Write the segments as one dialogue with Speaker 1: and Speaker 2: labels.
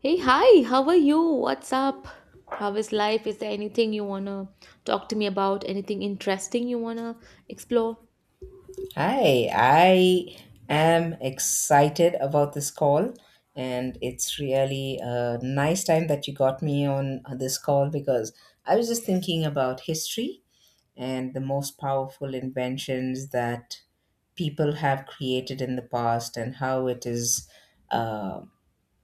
Speaker 1: Hey, hi, how are you? What's up? How is life? Is there anything you want to talk to me about? Anything interesting you want to explore?
Speaker 2: Hi, I am excited about this call, and it's really a nice time that you got me on this call because I was just thinking about history and the most powerful inventions that people have created in the past and how it is. Uh,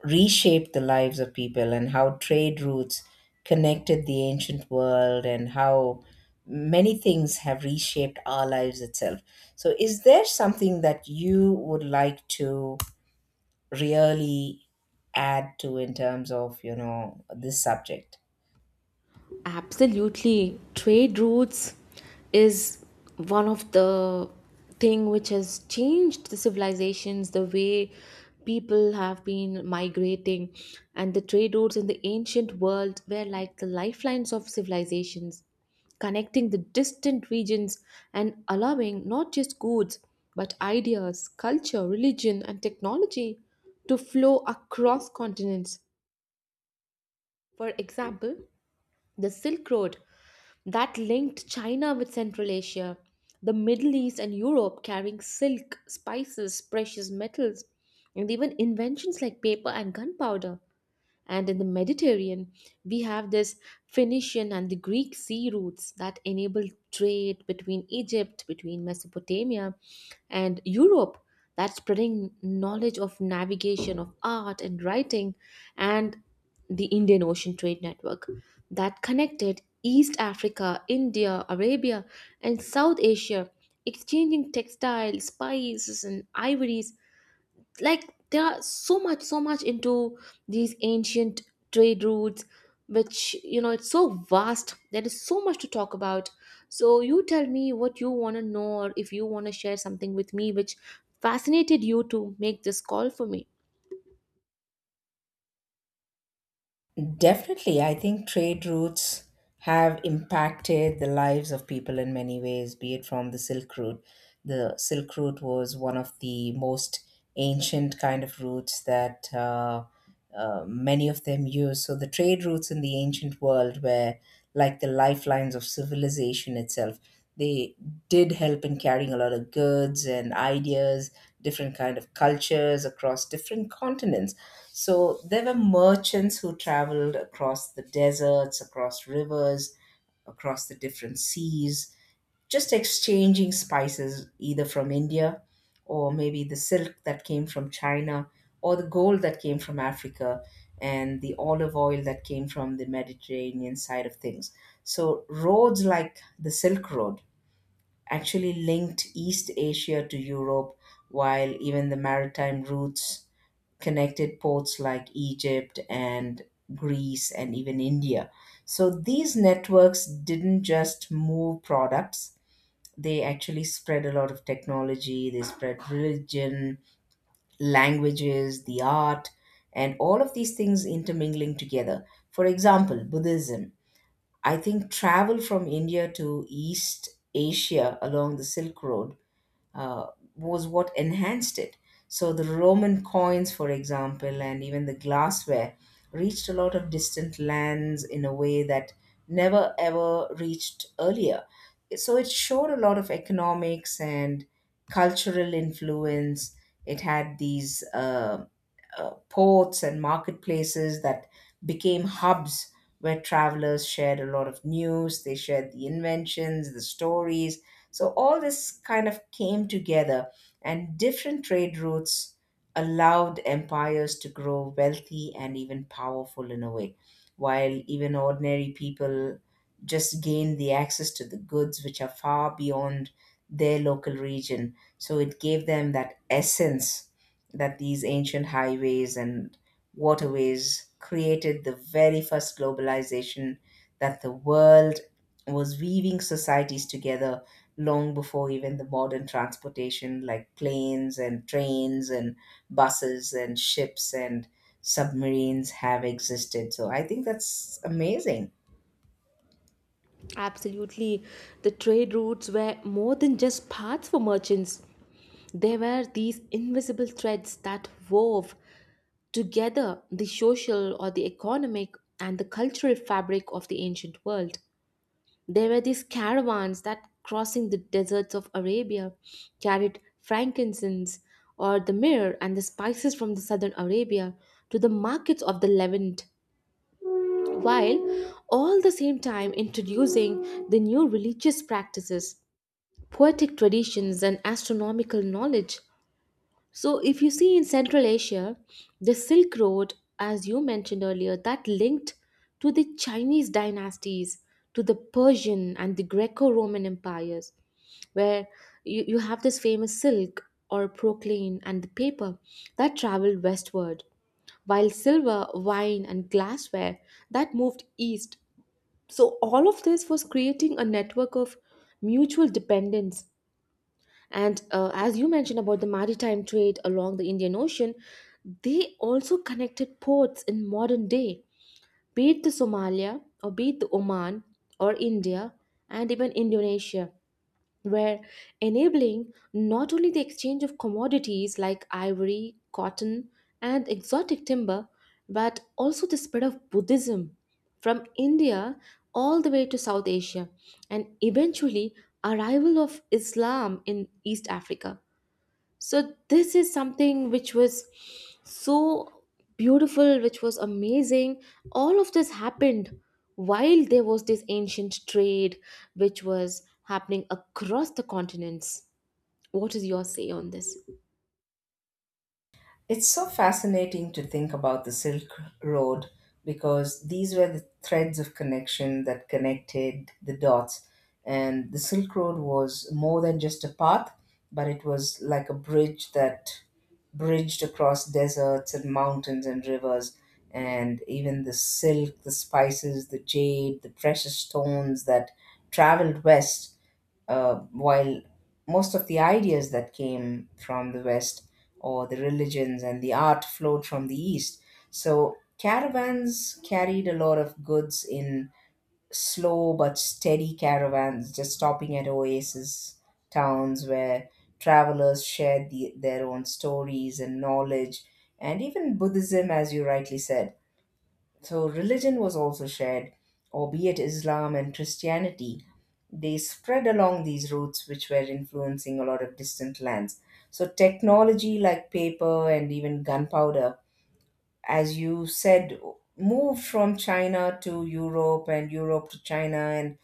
Speaker 2: reshaped the lives of people and how trade routes connected the ancient world and how many things have reshaped our lives itself. So, is there something that you would like to really add to in terms of, this subject?
Speaker 1: Absolutely. Trade routes is one of the thing which has changed the civilizations, the way people have been migrating. And the trade routes in the ancient world were like the lifelines of civilizations, connecting the distant regions and allowing not just goods, but ideas, culture, religion, and technology to flow across continents. For example, the Silk Road that linked China with Central Asia, the Middle East, and Europe, carrying silk, spices, precious metals, and even inventions like paper and gunpowder. And in the Mediterranean, we have this Phoenician and the Greek sea routes that enabled trade between Egypt, between Mesopotamia, and Europe. That spreading knowledge of navigation, of art and writing, and the Indian Ocean Trade Network that connected East Africa, India, Arabia, and South Asia, exchanging textiles, spices, and ivories like they are so much into these ancient trade routes which, you know, it's so vast. There is so much to talk about, so you tell me what you want to know, or if you want to share something with me which fascinated you to make this call for me.
Speaker 2: Definitely, I think trade routes have impacted the lives of people in many ways, be it from the Silk Route. The Silk Route was one of the most ancient kind of routes that many of them use. So the trade routes in the ancient world were like the lifelines of civilization itself. They did help in carrying a lot of goods and ideas, different kind of cultures across different continents. So there were merchants who traveled across the deserts, across rivers, across the different seas, just exchanging spices either from India, or maybe the silk that came from China, or the gold that came from Africa, and the olive oil that came from the Mediterranean side of things. So roads like the Silk Road actually linked East Asia to Europe, while even the maritime routes connected ports like Egypt and Greece and even India. So these networks didn't just move products, they actually spread a lot of technology, they spread religion, languages, the art, and all of these things intermingling together. For example, Buddhism. I think travel from India to East Asia along the Silk Road uh, was what enhanced it. So the Roman coins, for example, and even the glassware reached a lot of distant lands in a way that never ever reached earlier. So it showed a lot of economics and cultural influence. It had these ports and marketplaces that became hubs where travelers shared a lot of news, they shared the inventions, the stories. So all this kind of came together, and different trade routes allowed empires to grow wealthy and even powerful in a way, while even ordinary people just gained the access to the goods which are far beyond their local region. So it gave them that essence that these ancient highways and waterways created the very first globalization, that the world was weaving societies together long before even the modern transportation like planes and trains and buses and ships and submarines have existed. So I think that's amazing.
Speaker 1: Absolutely. The trade routes were more than just paths for merchants. They were these invisible threads that wove together the social or the economic and the cultural fabric of the ancient world. There were these caravans that crossing the deserts of Arabia carried frankincense or the myrrh and the spices from the southern Arabia to the markets of the Levant while all the same time introducing the new religious practices, poetic traditions, and astronomical knowledge. So, if you see in Central Asia, the Silk Road, as you mentioned earlier, that linked to the Chinese dynasties, to the Persian and the Greco Roman empires, where you have this famous silk or proclaim and the paper that traveled westward, while silver, wine, and glassware that moved east. So, all of this was creating a network of mutual dependence and, as you mentioned about the maritime trade along the Indian Ocean, they also connected ports in modern day, be it the Somalia or be it the Oman or India and even Indonesia, were enabling not only the exchange of commodities like ivory, cotton, and exotic timber, but also the spread of Buddhism from India all the way to South Asia and eventually arrival of Islam in East Africa. So this is something which was so beautiful, which was amazing. All of this happened while there was this ancient trade which was happening across the continents. What is your say on this?
Speaker 2: It's so fascinating to think about the Silk Road because these were the threads of connection that connected the dots. And the Silk Road was more than just a path, but it was like a bridge that bridged across deserts and mountains and rivers. And even the silk, the spices, the jade, the precious stones that traveled west, while most of the ideas that came from the West or the religions and the art flowed from the East. So caravans carried a lot of goods in slow but steady caravans, just stopping at oasis towns where travelers shared their own stories and knowledge. And even Buddhism, as you rightly said, so religion was also shared, albeit Islam and Christianity. They spread along these routes, which were influencing a lot of distant lands. So technology like paper and even gunpowder, as you said, moved from China to Europe and Europe to China. And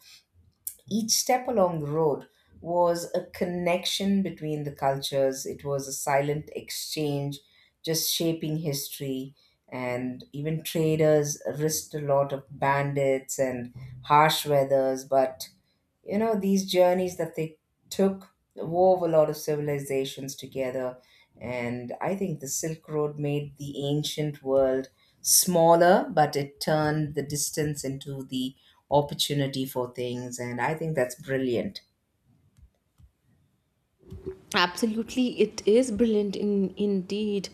Speaker 2: each step along the road was a connection between the cultures. It was a silent exchange, just shaping history. And even traders risked a lot of bandits and harsh weathers, but you know these journeys that they took wove a lot of civilizations together. And I think the Silk Road made the ancient world smaller, but it turned the distance into the opportunity for things, and I think that's brilliant.
Speaker 1: Absolutely, it is brilliant in indeed.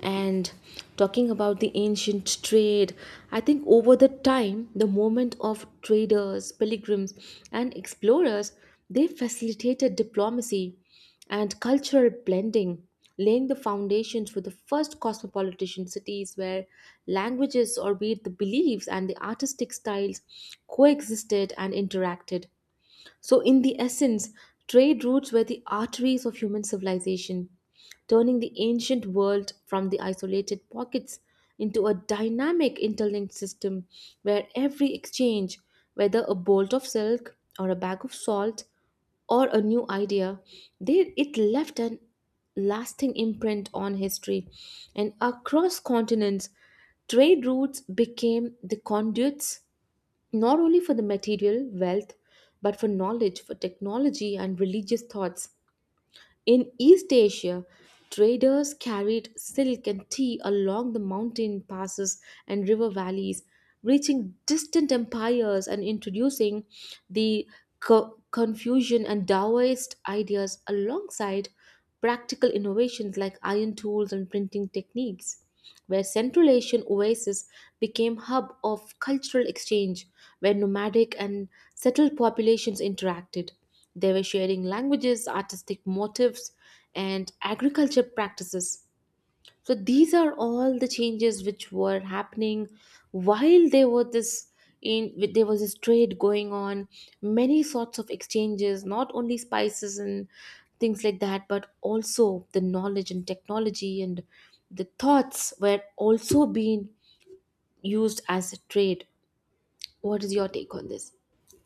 Speaker 1: And talking about the ancient trade, I think over the time, the movement of traders, pilgrims, and explorers, they facilitated diplomacy and cultural blending, laying the foundations for the first cosmopolitan cities where languages, or be it the beliefs and the artistic styles, coexisted and interacted. So, in the essence, trade routes were the arteries of human civilization, turning the ancient world from the isolated pockets into a dynamic interlinked system where every exchange, whether a bolt of silk or a bag of salt or a new idea, they, it left an lasting imprint on history. And across continents, trade routes became the conduits not only for the material wealth, but for knowledge, for technology, and religious thoughts. In East Asia, traders carried silk and tea along the mountain passes and river valleys, reaching distant empires and introducing the Confucian and Taoist ideas alongside practical innovations like iron tools and printing techniques where Central Asian oases became hub of cultural exchange, where nomadic and settled populations interacted. They were sharing languages, artistic motifs, and agriculture practices. So these are all the changes which were happening while in there was this trade going on, many sorts of exchanges, not only spices and things like that, but also the knowledge and technology and the thoughts were also being used as a trade. What is your take on this?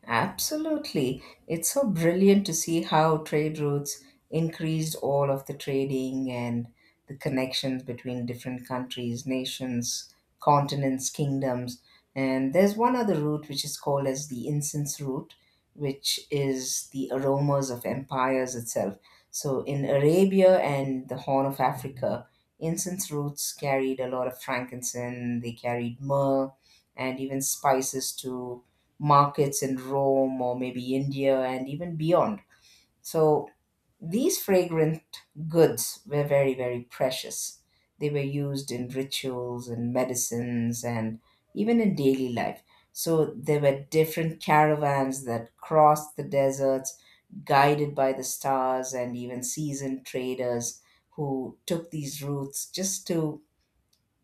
Speaker 2: Absolutely. It's so brilliant to see how trade routes increased all of the trading and the connections between different countries, nations, continents, kingdoms. And there's one other route which is called as the incense route, which is the aromas of empires itself. So in Arabia and the Horn of Africa, incense routes carried a lot of frankincense, they carried myrrh and even spices to markets in Rome or maybe India and even beyond. So these fragrant goods were very, very precious. They were used in rituals and medicines and even in daily life. So there were different caravans that crossed the deserts, guided by the stars and even seasoned traders who took these routes just to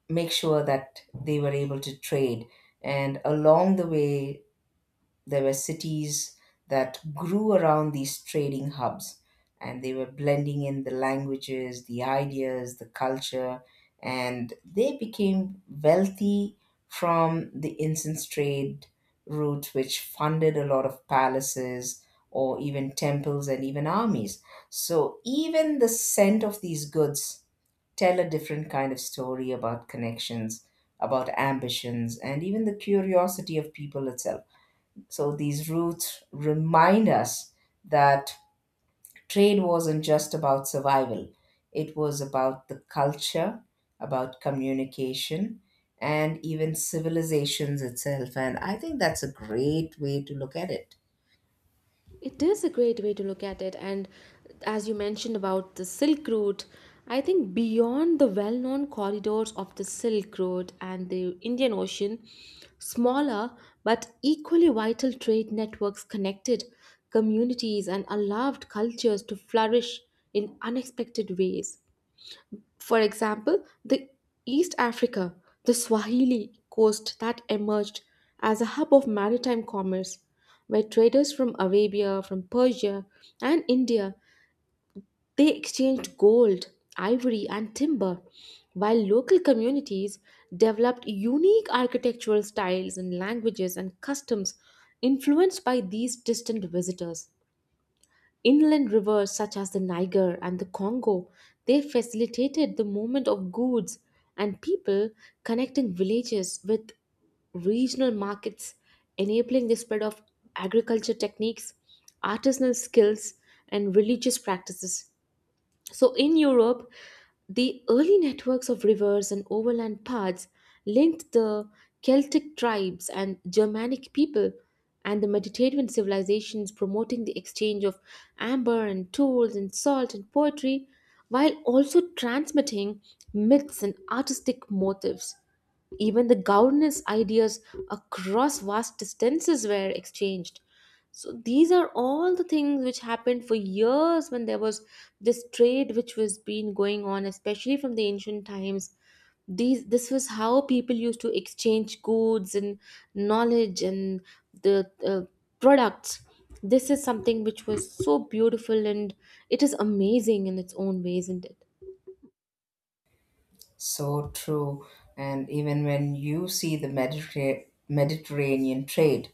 Speaker 2: make sure that they were able to trade. And along the way, there were cities that grew around these trading hubs, and they were blending in the languages, the ideas, the culture, and they became wealthy from the incense trade route, which funded a lot of palaces or even temples and even armies. So, even the scent of these goods tell a different kind of story about connections, about ambitions, and even the curiosity of people itself. So these roots remind us that trade wasn't just about survival, it was about the culture, about communication, and even civilizations itself. And I think that's a great way to look at it.
Speaker 1: It is a great way to look at it, and as you mentioned about the Silk Route, I think beyond the well known corridors of the Silk Road and the Indian Ocean, smaller but equally vital trade networks connected communities and allowed cultures to flourish in unexpected ways. For example, the East Africa, the Swahili coast that emerged as a hub of maritime commerce, where traders from Arabia, from Persia, and India, they exchanged gold, ivory, and timber, while local communities developed unique architectural styles and languages and customs influenced by these distant visitors. Inland rivers such as the Niger and the Congo, they facilitated the movement of goods and people, connecting villages with regional markets, enabling the spread of agriculture techniques, artisanal skills, and religious practices. So, in Europe, the early networks of rivers and overland paths linked the Celtic tribes and Germanic people and the Mediterranean civilizations, promoting the exchange of amber and tools and salt and poetry, while also transmitting myths and artistic motifs. Even the governance ideas across vast distances were exchanged. So these are all the things which happened for years when there was this trade which was been going on, especially from the ancient times. These this was how people used to exchange goods and knowledge and the products. This is something which was so beautiful, and it is amazing in its own ways, isn't it?
Speaker 2: So true. And even when you see the Mediterranean trade,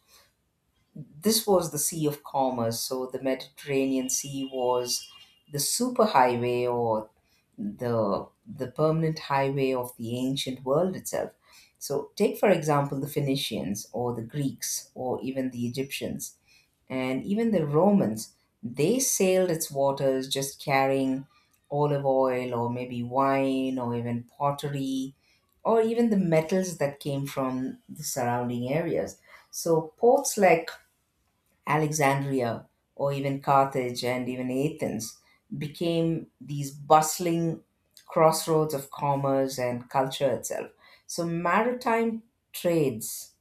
Speaker 2: this was the Sea of Commerce. So the Mediterranean Sea was the superhighway or the permanent highway of the ancient world itself. So take for example the Phoenicians or the Greeks or even the Egyptians and even the Romans. They sailed its waters just carrying olive oil or maybe wine or even pottery or even the metals that came from the surrounding areas. So ports like Alexandria, or even Carthage and even Athens, became these bustling crossroads of commerce and culture itself. So, maritime trades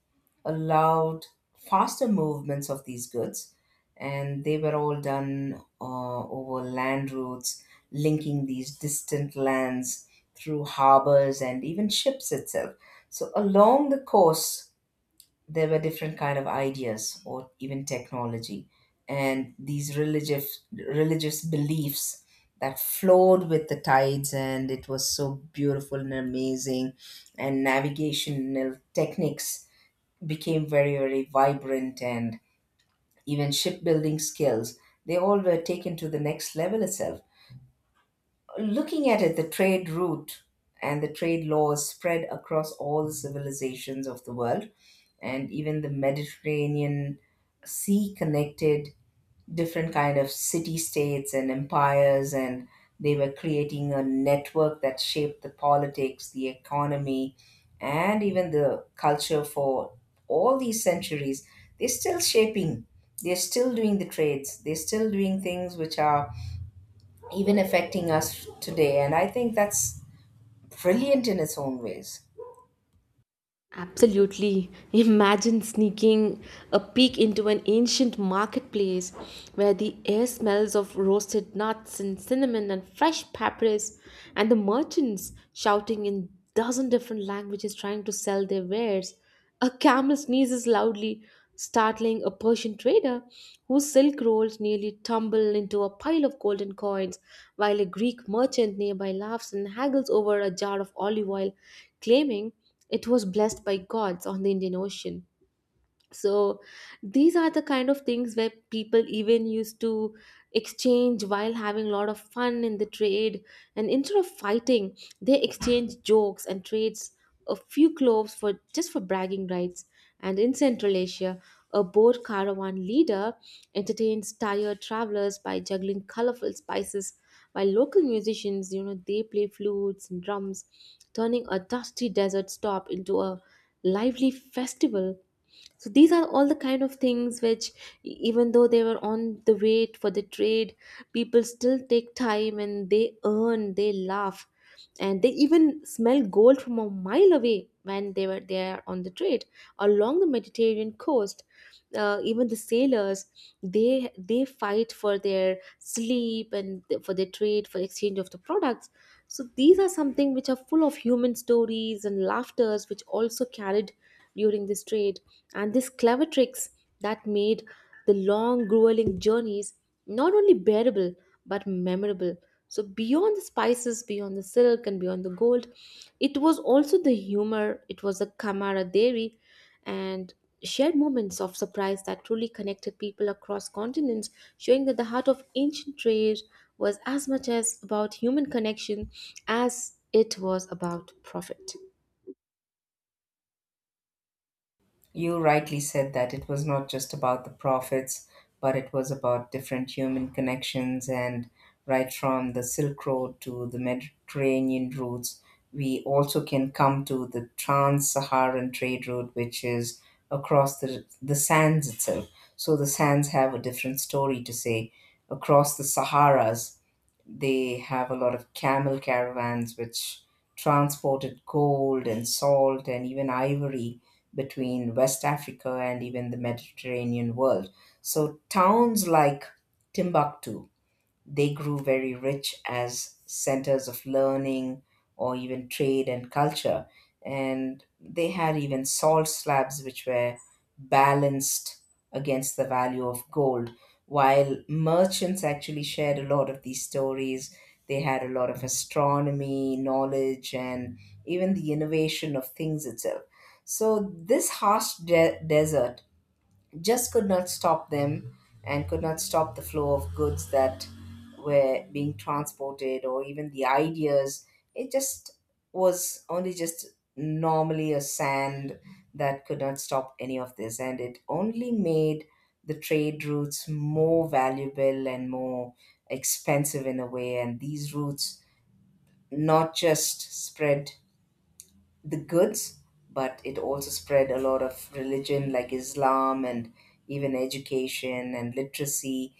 Speaker 2: allowed faster movements of these goods, and they were all done over land routes, linking these distant lands through harbors and even ships itself. So, along the coast, there were different kind of ideas or even technology and these religious beliefs that flowed with the tides, and it was so beautiful and amazing. And navigational techniques became very, very vibrant, and even shipbuilding skills, they all were taken to the next level itself. Looking at it, the trade route and the trade laws spread across all the civilizations of the world, and even the Mediterranean Sea connected different kind of city states and empires, and they were creating a network that shaped the politics, the economy, and even the culture for all these centuries. They're still shaping. They're still doing the trades. They're still doing things which are even affecting us today. And I think that's brilliant in its own ways.
Speaker 1: Absolutely. Imagine sneaking a peek into an ancient marketplace where the air smells of roasted nuts and cinnamon and fresh papyrus, and the merchants shouting in dozen different languages trying to sell their wares. A camel sneezes loudly, startling a Persian trader whose silk rolls nearly tumble into a pile of golden coins, while a Greek merchant nearby laughs and haggles over a jar of olive oil, claiming it was blessed by gods on the Indian Ocean. So these are the kind of things where people even used to exchange while having a lot of fun in the trade, and instead of fighting they exchange jokes and trades a few cloves for just for bragging rights. And in Central Asia a boat caravan leader entertains tired travelers by juggling colorful spices, while local musicians, you know, they play flutes and drums, turning a dusty desert stop into a lively festival. So these are all the kind of things which, even though they were on the way for the trade, people still take time and they earn, they laugh, and they even smell gold from a mile away when they were there on the trade. Along the Mediterranean coast, even the sailors, they fight for their sleep and for their trade for exchange of the products. So these are something which are full of human stories and laughters which also carried during this trade. And these clever tricks that made the long grueling journeys not only bearable but memorable. So, beyond the spices, beyond the silk, and beyond the gold, it was also the humor, it was the camaraderie, and shared moments of surprise that truly connected people across continents, showing that the heart of ancient trade was as much as about human connection as it was about profit.
Speaker 2: You rightly said that it was not just about the prophets, but it was about different human connections. And right from the Silk Road to the Mediterranean routes, we also can come to the Trans Saharan trade route, which is across the sands itself. So the sands have a different story to say across the Saharas. They have a lot of camel caravans which transported gold and salt and even ivory between West Africa and even the Mediterranean world. So towns like Timbuktu, they grew very rich as centers of learning or even trade and culture. And they had even salt slabs which were balanced against the value of gold. While merchants actually shared a lot of these stories, they had a lot of astronomy, knowledge, and even the innovation of things itself. So, this harsh desert just could not stop them and could not stop the flow of goods that were being transported or even the ideas. It just was only just normally a sand that could not stop any of this. And it only made the trade routes more valuable and more expensive in a way. And these routes not just spread the goods, but it also spread a lot of religion like Islam and even education and literacy.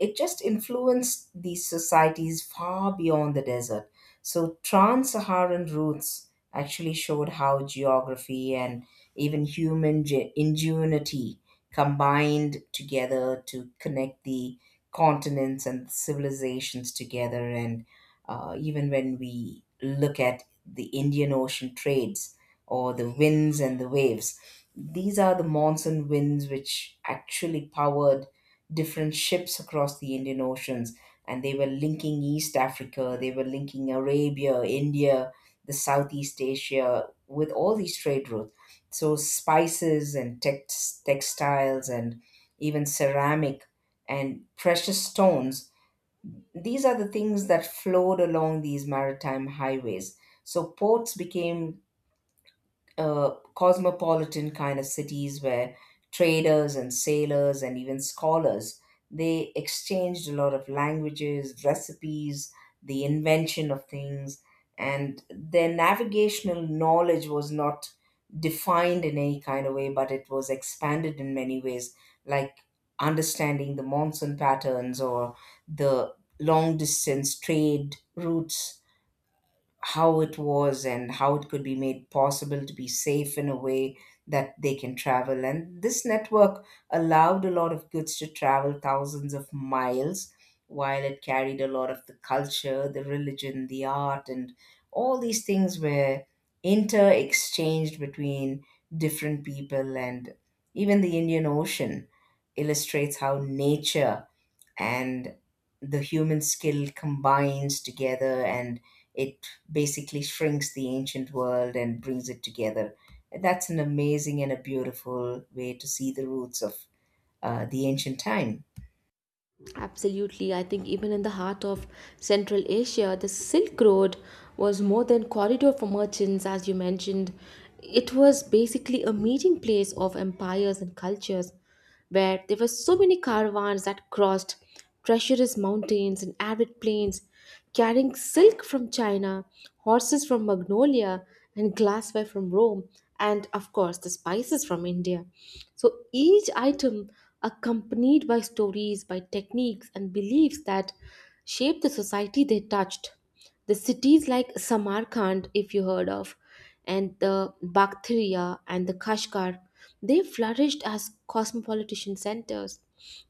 Speaker 2: It just influenced these societies far beyond the desert. So, trans Saharan routes actually showed how geography and even human ingenuity combined together to connect the continents and civilizations together. And even when we look at the Indian Ocean trades or the winds and the waves, these are the monsoon winds which actually powered different ships across the Indian Oceans, and they were linking East Africa, they were linking Arabia, India, the Southeast Asia with all these trade routes. So spices and text, textiles and even ceramic and precious stones. These are the things that flowed along these maritime highways. So ports became cosmopolitan kind of cities where traders and sailors and even scholars they exchanged a lot of languages, recipes, the invention of things, and their navigational knowledge was not defined in any kind of way, but it was expanded in many ways, like understanding the monsoon patterns or the long distance trade routes, how it was and how it could be made possible to be safe in a way that they can travel. And this network allowed a lot of goods to travel thousands of miles while it carried a lot of the culture, the religion, the art, and all these things were inter exchanged between different people. And even the Indian Ocean illustrates how nature and the human skill combines together, and it basically shrinks the ancient world and brings it together. That's an amazing and a beautiful way to see the roots of the ancient time.
Speaker 1: Absolutely. I think even in the heart of Central Asia, the Silk Road was more than corridor for merchants, as you mentioned. It was basically a meeting place of empires and cultures, where there were so many caravans that crossed treacherous mountains and arid plains carrying silk from China, horses from Magnolia, and glassware from Rome, and of course the spices from India. So each item accompanied by stories, by techniques, and beliefs that shaped the society they touched. The cities like Samarkand, if you heard of, and the Bactria and the Kashgar, they flourished as cosmopolitan centers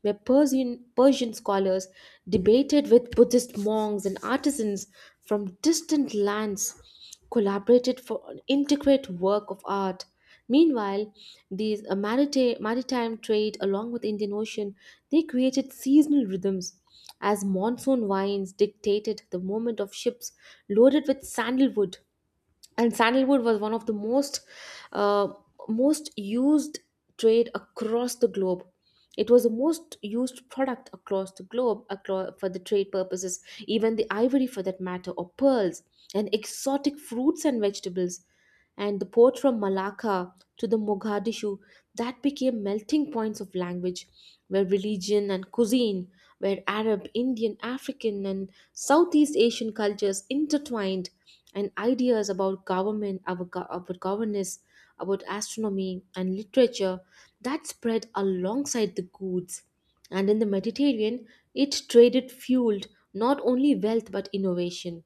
Speaker 1: where Persian scholars debated with Buddhist monks and artisans from distant lands, collaborated for an intricate work of art. Meanwhile, these maritime trade along with Indian Ocean, they created seasonal rhythms as monsoon winds dictated the movement of ships loaded with sandalwood, and sandalwood was one of the uh, most used trade across the globe. It was the most used product across the globe across, for the trade purposes, even the ivory for that matter or pearls and exotic fruits and vegetables. And the port from Malacca to the Mogadishu, that became melting points of language where religion and cuisine, where Arab, Indian, African and Southeast Asian cultures intertwined, and ideas about government, about governance, about astronomy and literature that spread alongside the goods. And in the Mediterranean, it traded fueled not only wealth but innovation.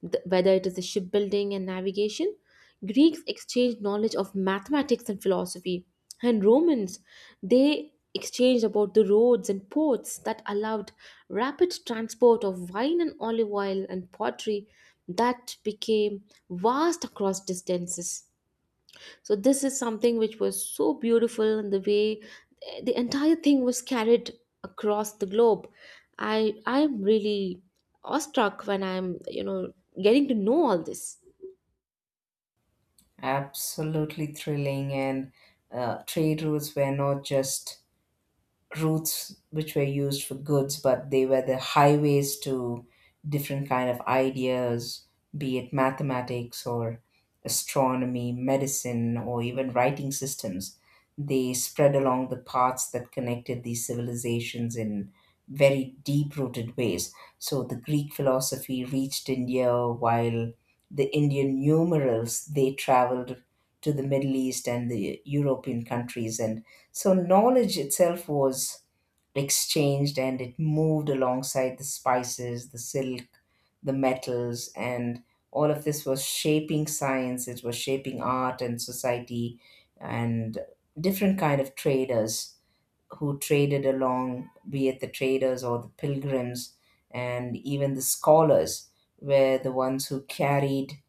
Speaker 1: Whether it is the shipbuilding and navigation, Greeks exchanged knowledge of mathematics and philosophy, and Romans, they exchanged about the roads and ports that allowed rapid transport of wine and olive oil and pottery that became vast across distances. So this is something which was so beautiful, and the way, the entire thing was carried across the globe, I'm really awestruck when I'm, you know, getting to know all this.
Speaker 2: Absolutely thrilling, and trade routes were not just routes which were used for goods, but they were the highways to different kind of ideas, be it mathematics or astronomy, medicine, or even writing systems. They spread along the paths that connected these civilizations in very deep rooted ways. So the Greek philosophy reached India, while the Indian numerals they traveled to the Middle East and the European countries, and so knowledge itself was exchanged and it moved alongside the spices, the silk, the metals, and all of this was shaping science, it was shaping art and society. And different kind of traders who traded along, be it the traders or the pilgrims and even the scholars, were the ones who carried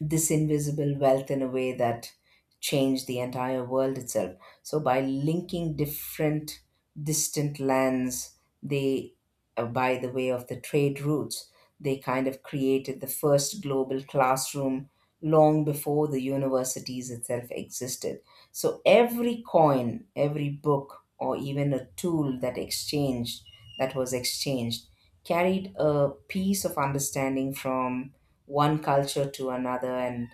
Speaker 2: this invisible wealth in a way that changed the entire world itself. So by linking different distant lands, they by the way of the trade routes, they kind of created the first global classroom long before the universities itself existed. So every coin, every book, or even a tool that exchanged that was exchanged carried a piece of understanding from one culture to another, and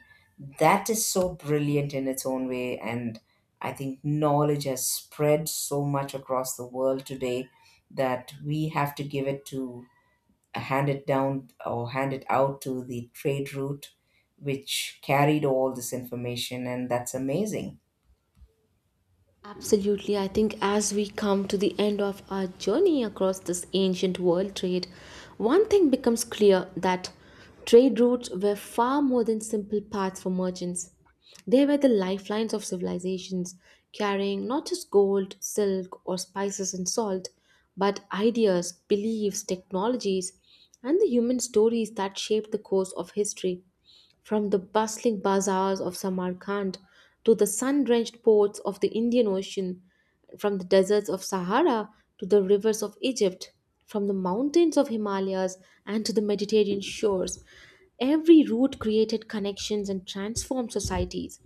Speaker 2: that is so brilliant in its own way. And I think knowledge has spread so much across the world today that we have to give it to hand it down or hand it out to the trade route which carried all this information, and that's amazing.
Speaker 1: Absolutely. I think as we come to the end of our journey across this ancient world trade, one thing becomes clear that trade routes were far more than simple paths for merchants. They were the lifelines of civilizations, carrying not just gold, silk, or spices and salt, but ideas, beliefs, technologies, and the human stories that shaped the course of history. From the bustling bazaars of Samarkand to the sun drenched ports of the Indian Ocean, from the deserts of Sahara to the rivers of Egypt, from the mountains of Himalayas and to the Mediterranean shores, every route created connections and transformed societies.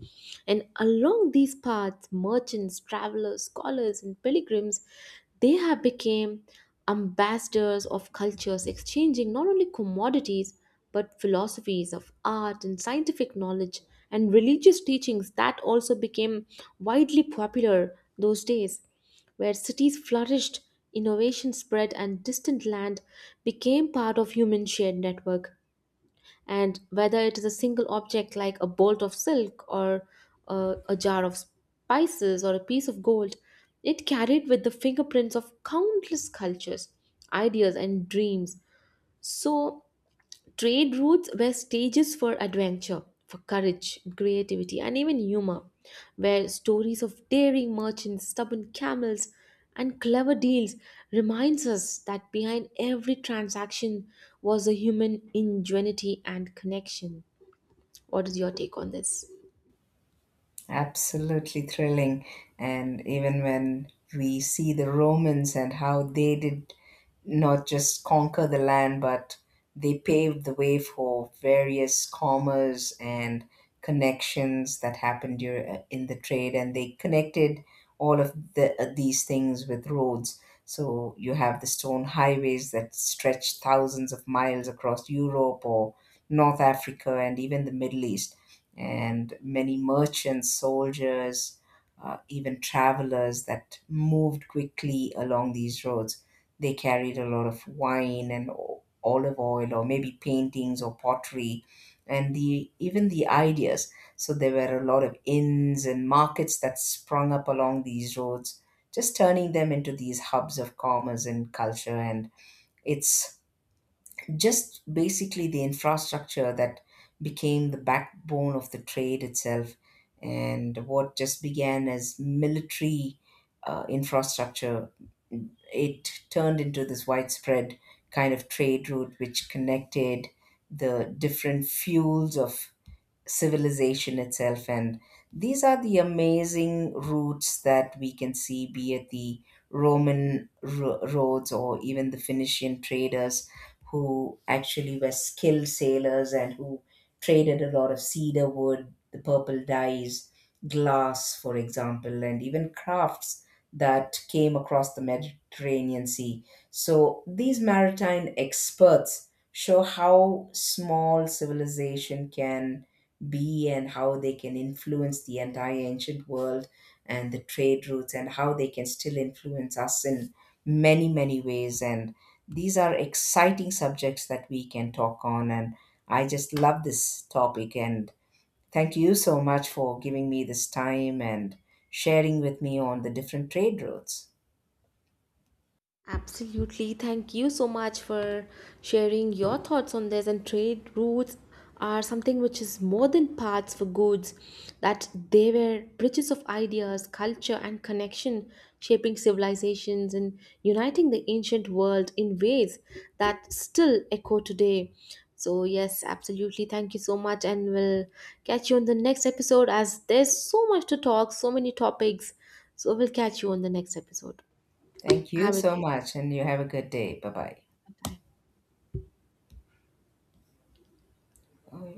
Speaker 1: And along these paths, merchants, travelers, scholars, and pilgrims, they have become ambassadors of cultures, exchanging not only commodities but philosophies of art and scientific knowledge and religious teachings that also became widely popular those days, where cities flourished, innovation spread, and distant land became part of human shared network. And whether it is a single object like a bolt of silk or a jar of spices or a piece of gold, it carried with the fingerprints of countless cultures, ideas and dreams. So trade routes were stages for adventure, for courage, creativity, and even humor, where stories of daring merchants, stubborn camels, and clever deals reminds us that behind every transaction was a human ingenuity and connection. What is your take on this?
Speaker 2: Absolutely thrilling. And even when we see the Romans and how they did not just conquer the land, but they paved the way for various commerce and connections that happened in the trade, and they connected all of the, these things with roads. So you have the stone highways that stretch thousands of miles across Europe or North Africa and even the Middle East, and many merchants, soldiers, even travelers that moved quickly along these roads. They carried a lot of wine and olive oil, or maybe paintings or pottery, and the even the ideas. So there were a lot of inns and markets that sprung up along these roads, just turning them into these hubs of commerce and culture. And it's just basically the infrastructure that became the backbone of the trade itself. And what just began as military infrastructure, it turned into this widespread kind of trade route which connected the different fuels of civilization itself. And these are the amazing routes that we can see, be it the Roman roads or even the Phoenician traders, who actually were skilled sailors and who traded a lot of cedar wood, the purple dyes, glass for example, and even crafts that came across the Mediterranean Sea. So these maritime experts show how small civilization can be and how they can influence the entire ancient world and the trade routes, and how they can still influence us in many, many ways. And these are exciting subjects that we can talk on, and I just love this topic, and thank you so much for giving me this time and sharing with me on the different trade routes.
Speaker 1: Absolutely. Thank you so much for sharing your thoughts on this. And trade routes are something which is more than paths for goods, that they were bridges of ideas, culture, and connection, shaping civilizations and uniting the ancient world in ways that still echo today. So, yes, absolutely. Thank you so much. And we'll catch you on the next episode, as there's so much to talk, so many topics. So, we'll catch you on the next episode.
Speaker 2: Thank you
Speaker 1: Have a
Speaker 2: so
Speaker 1: great.
Speaker 2: much, and you have a good day. Bye
Speaker 1: Bye.
Speaker 2: bye.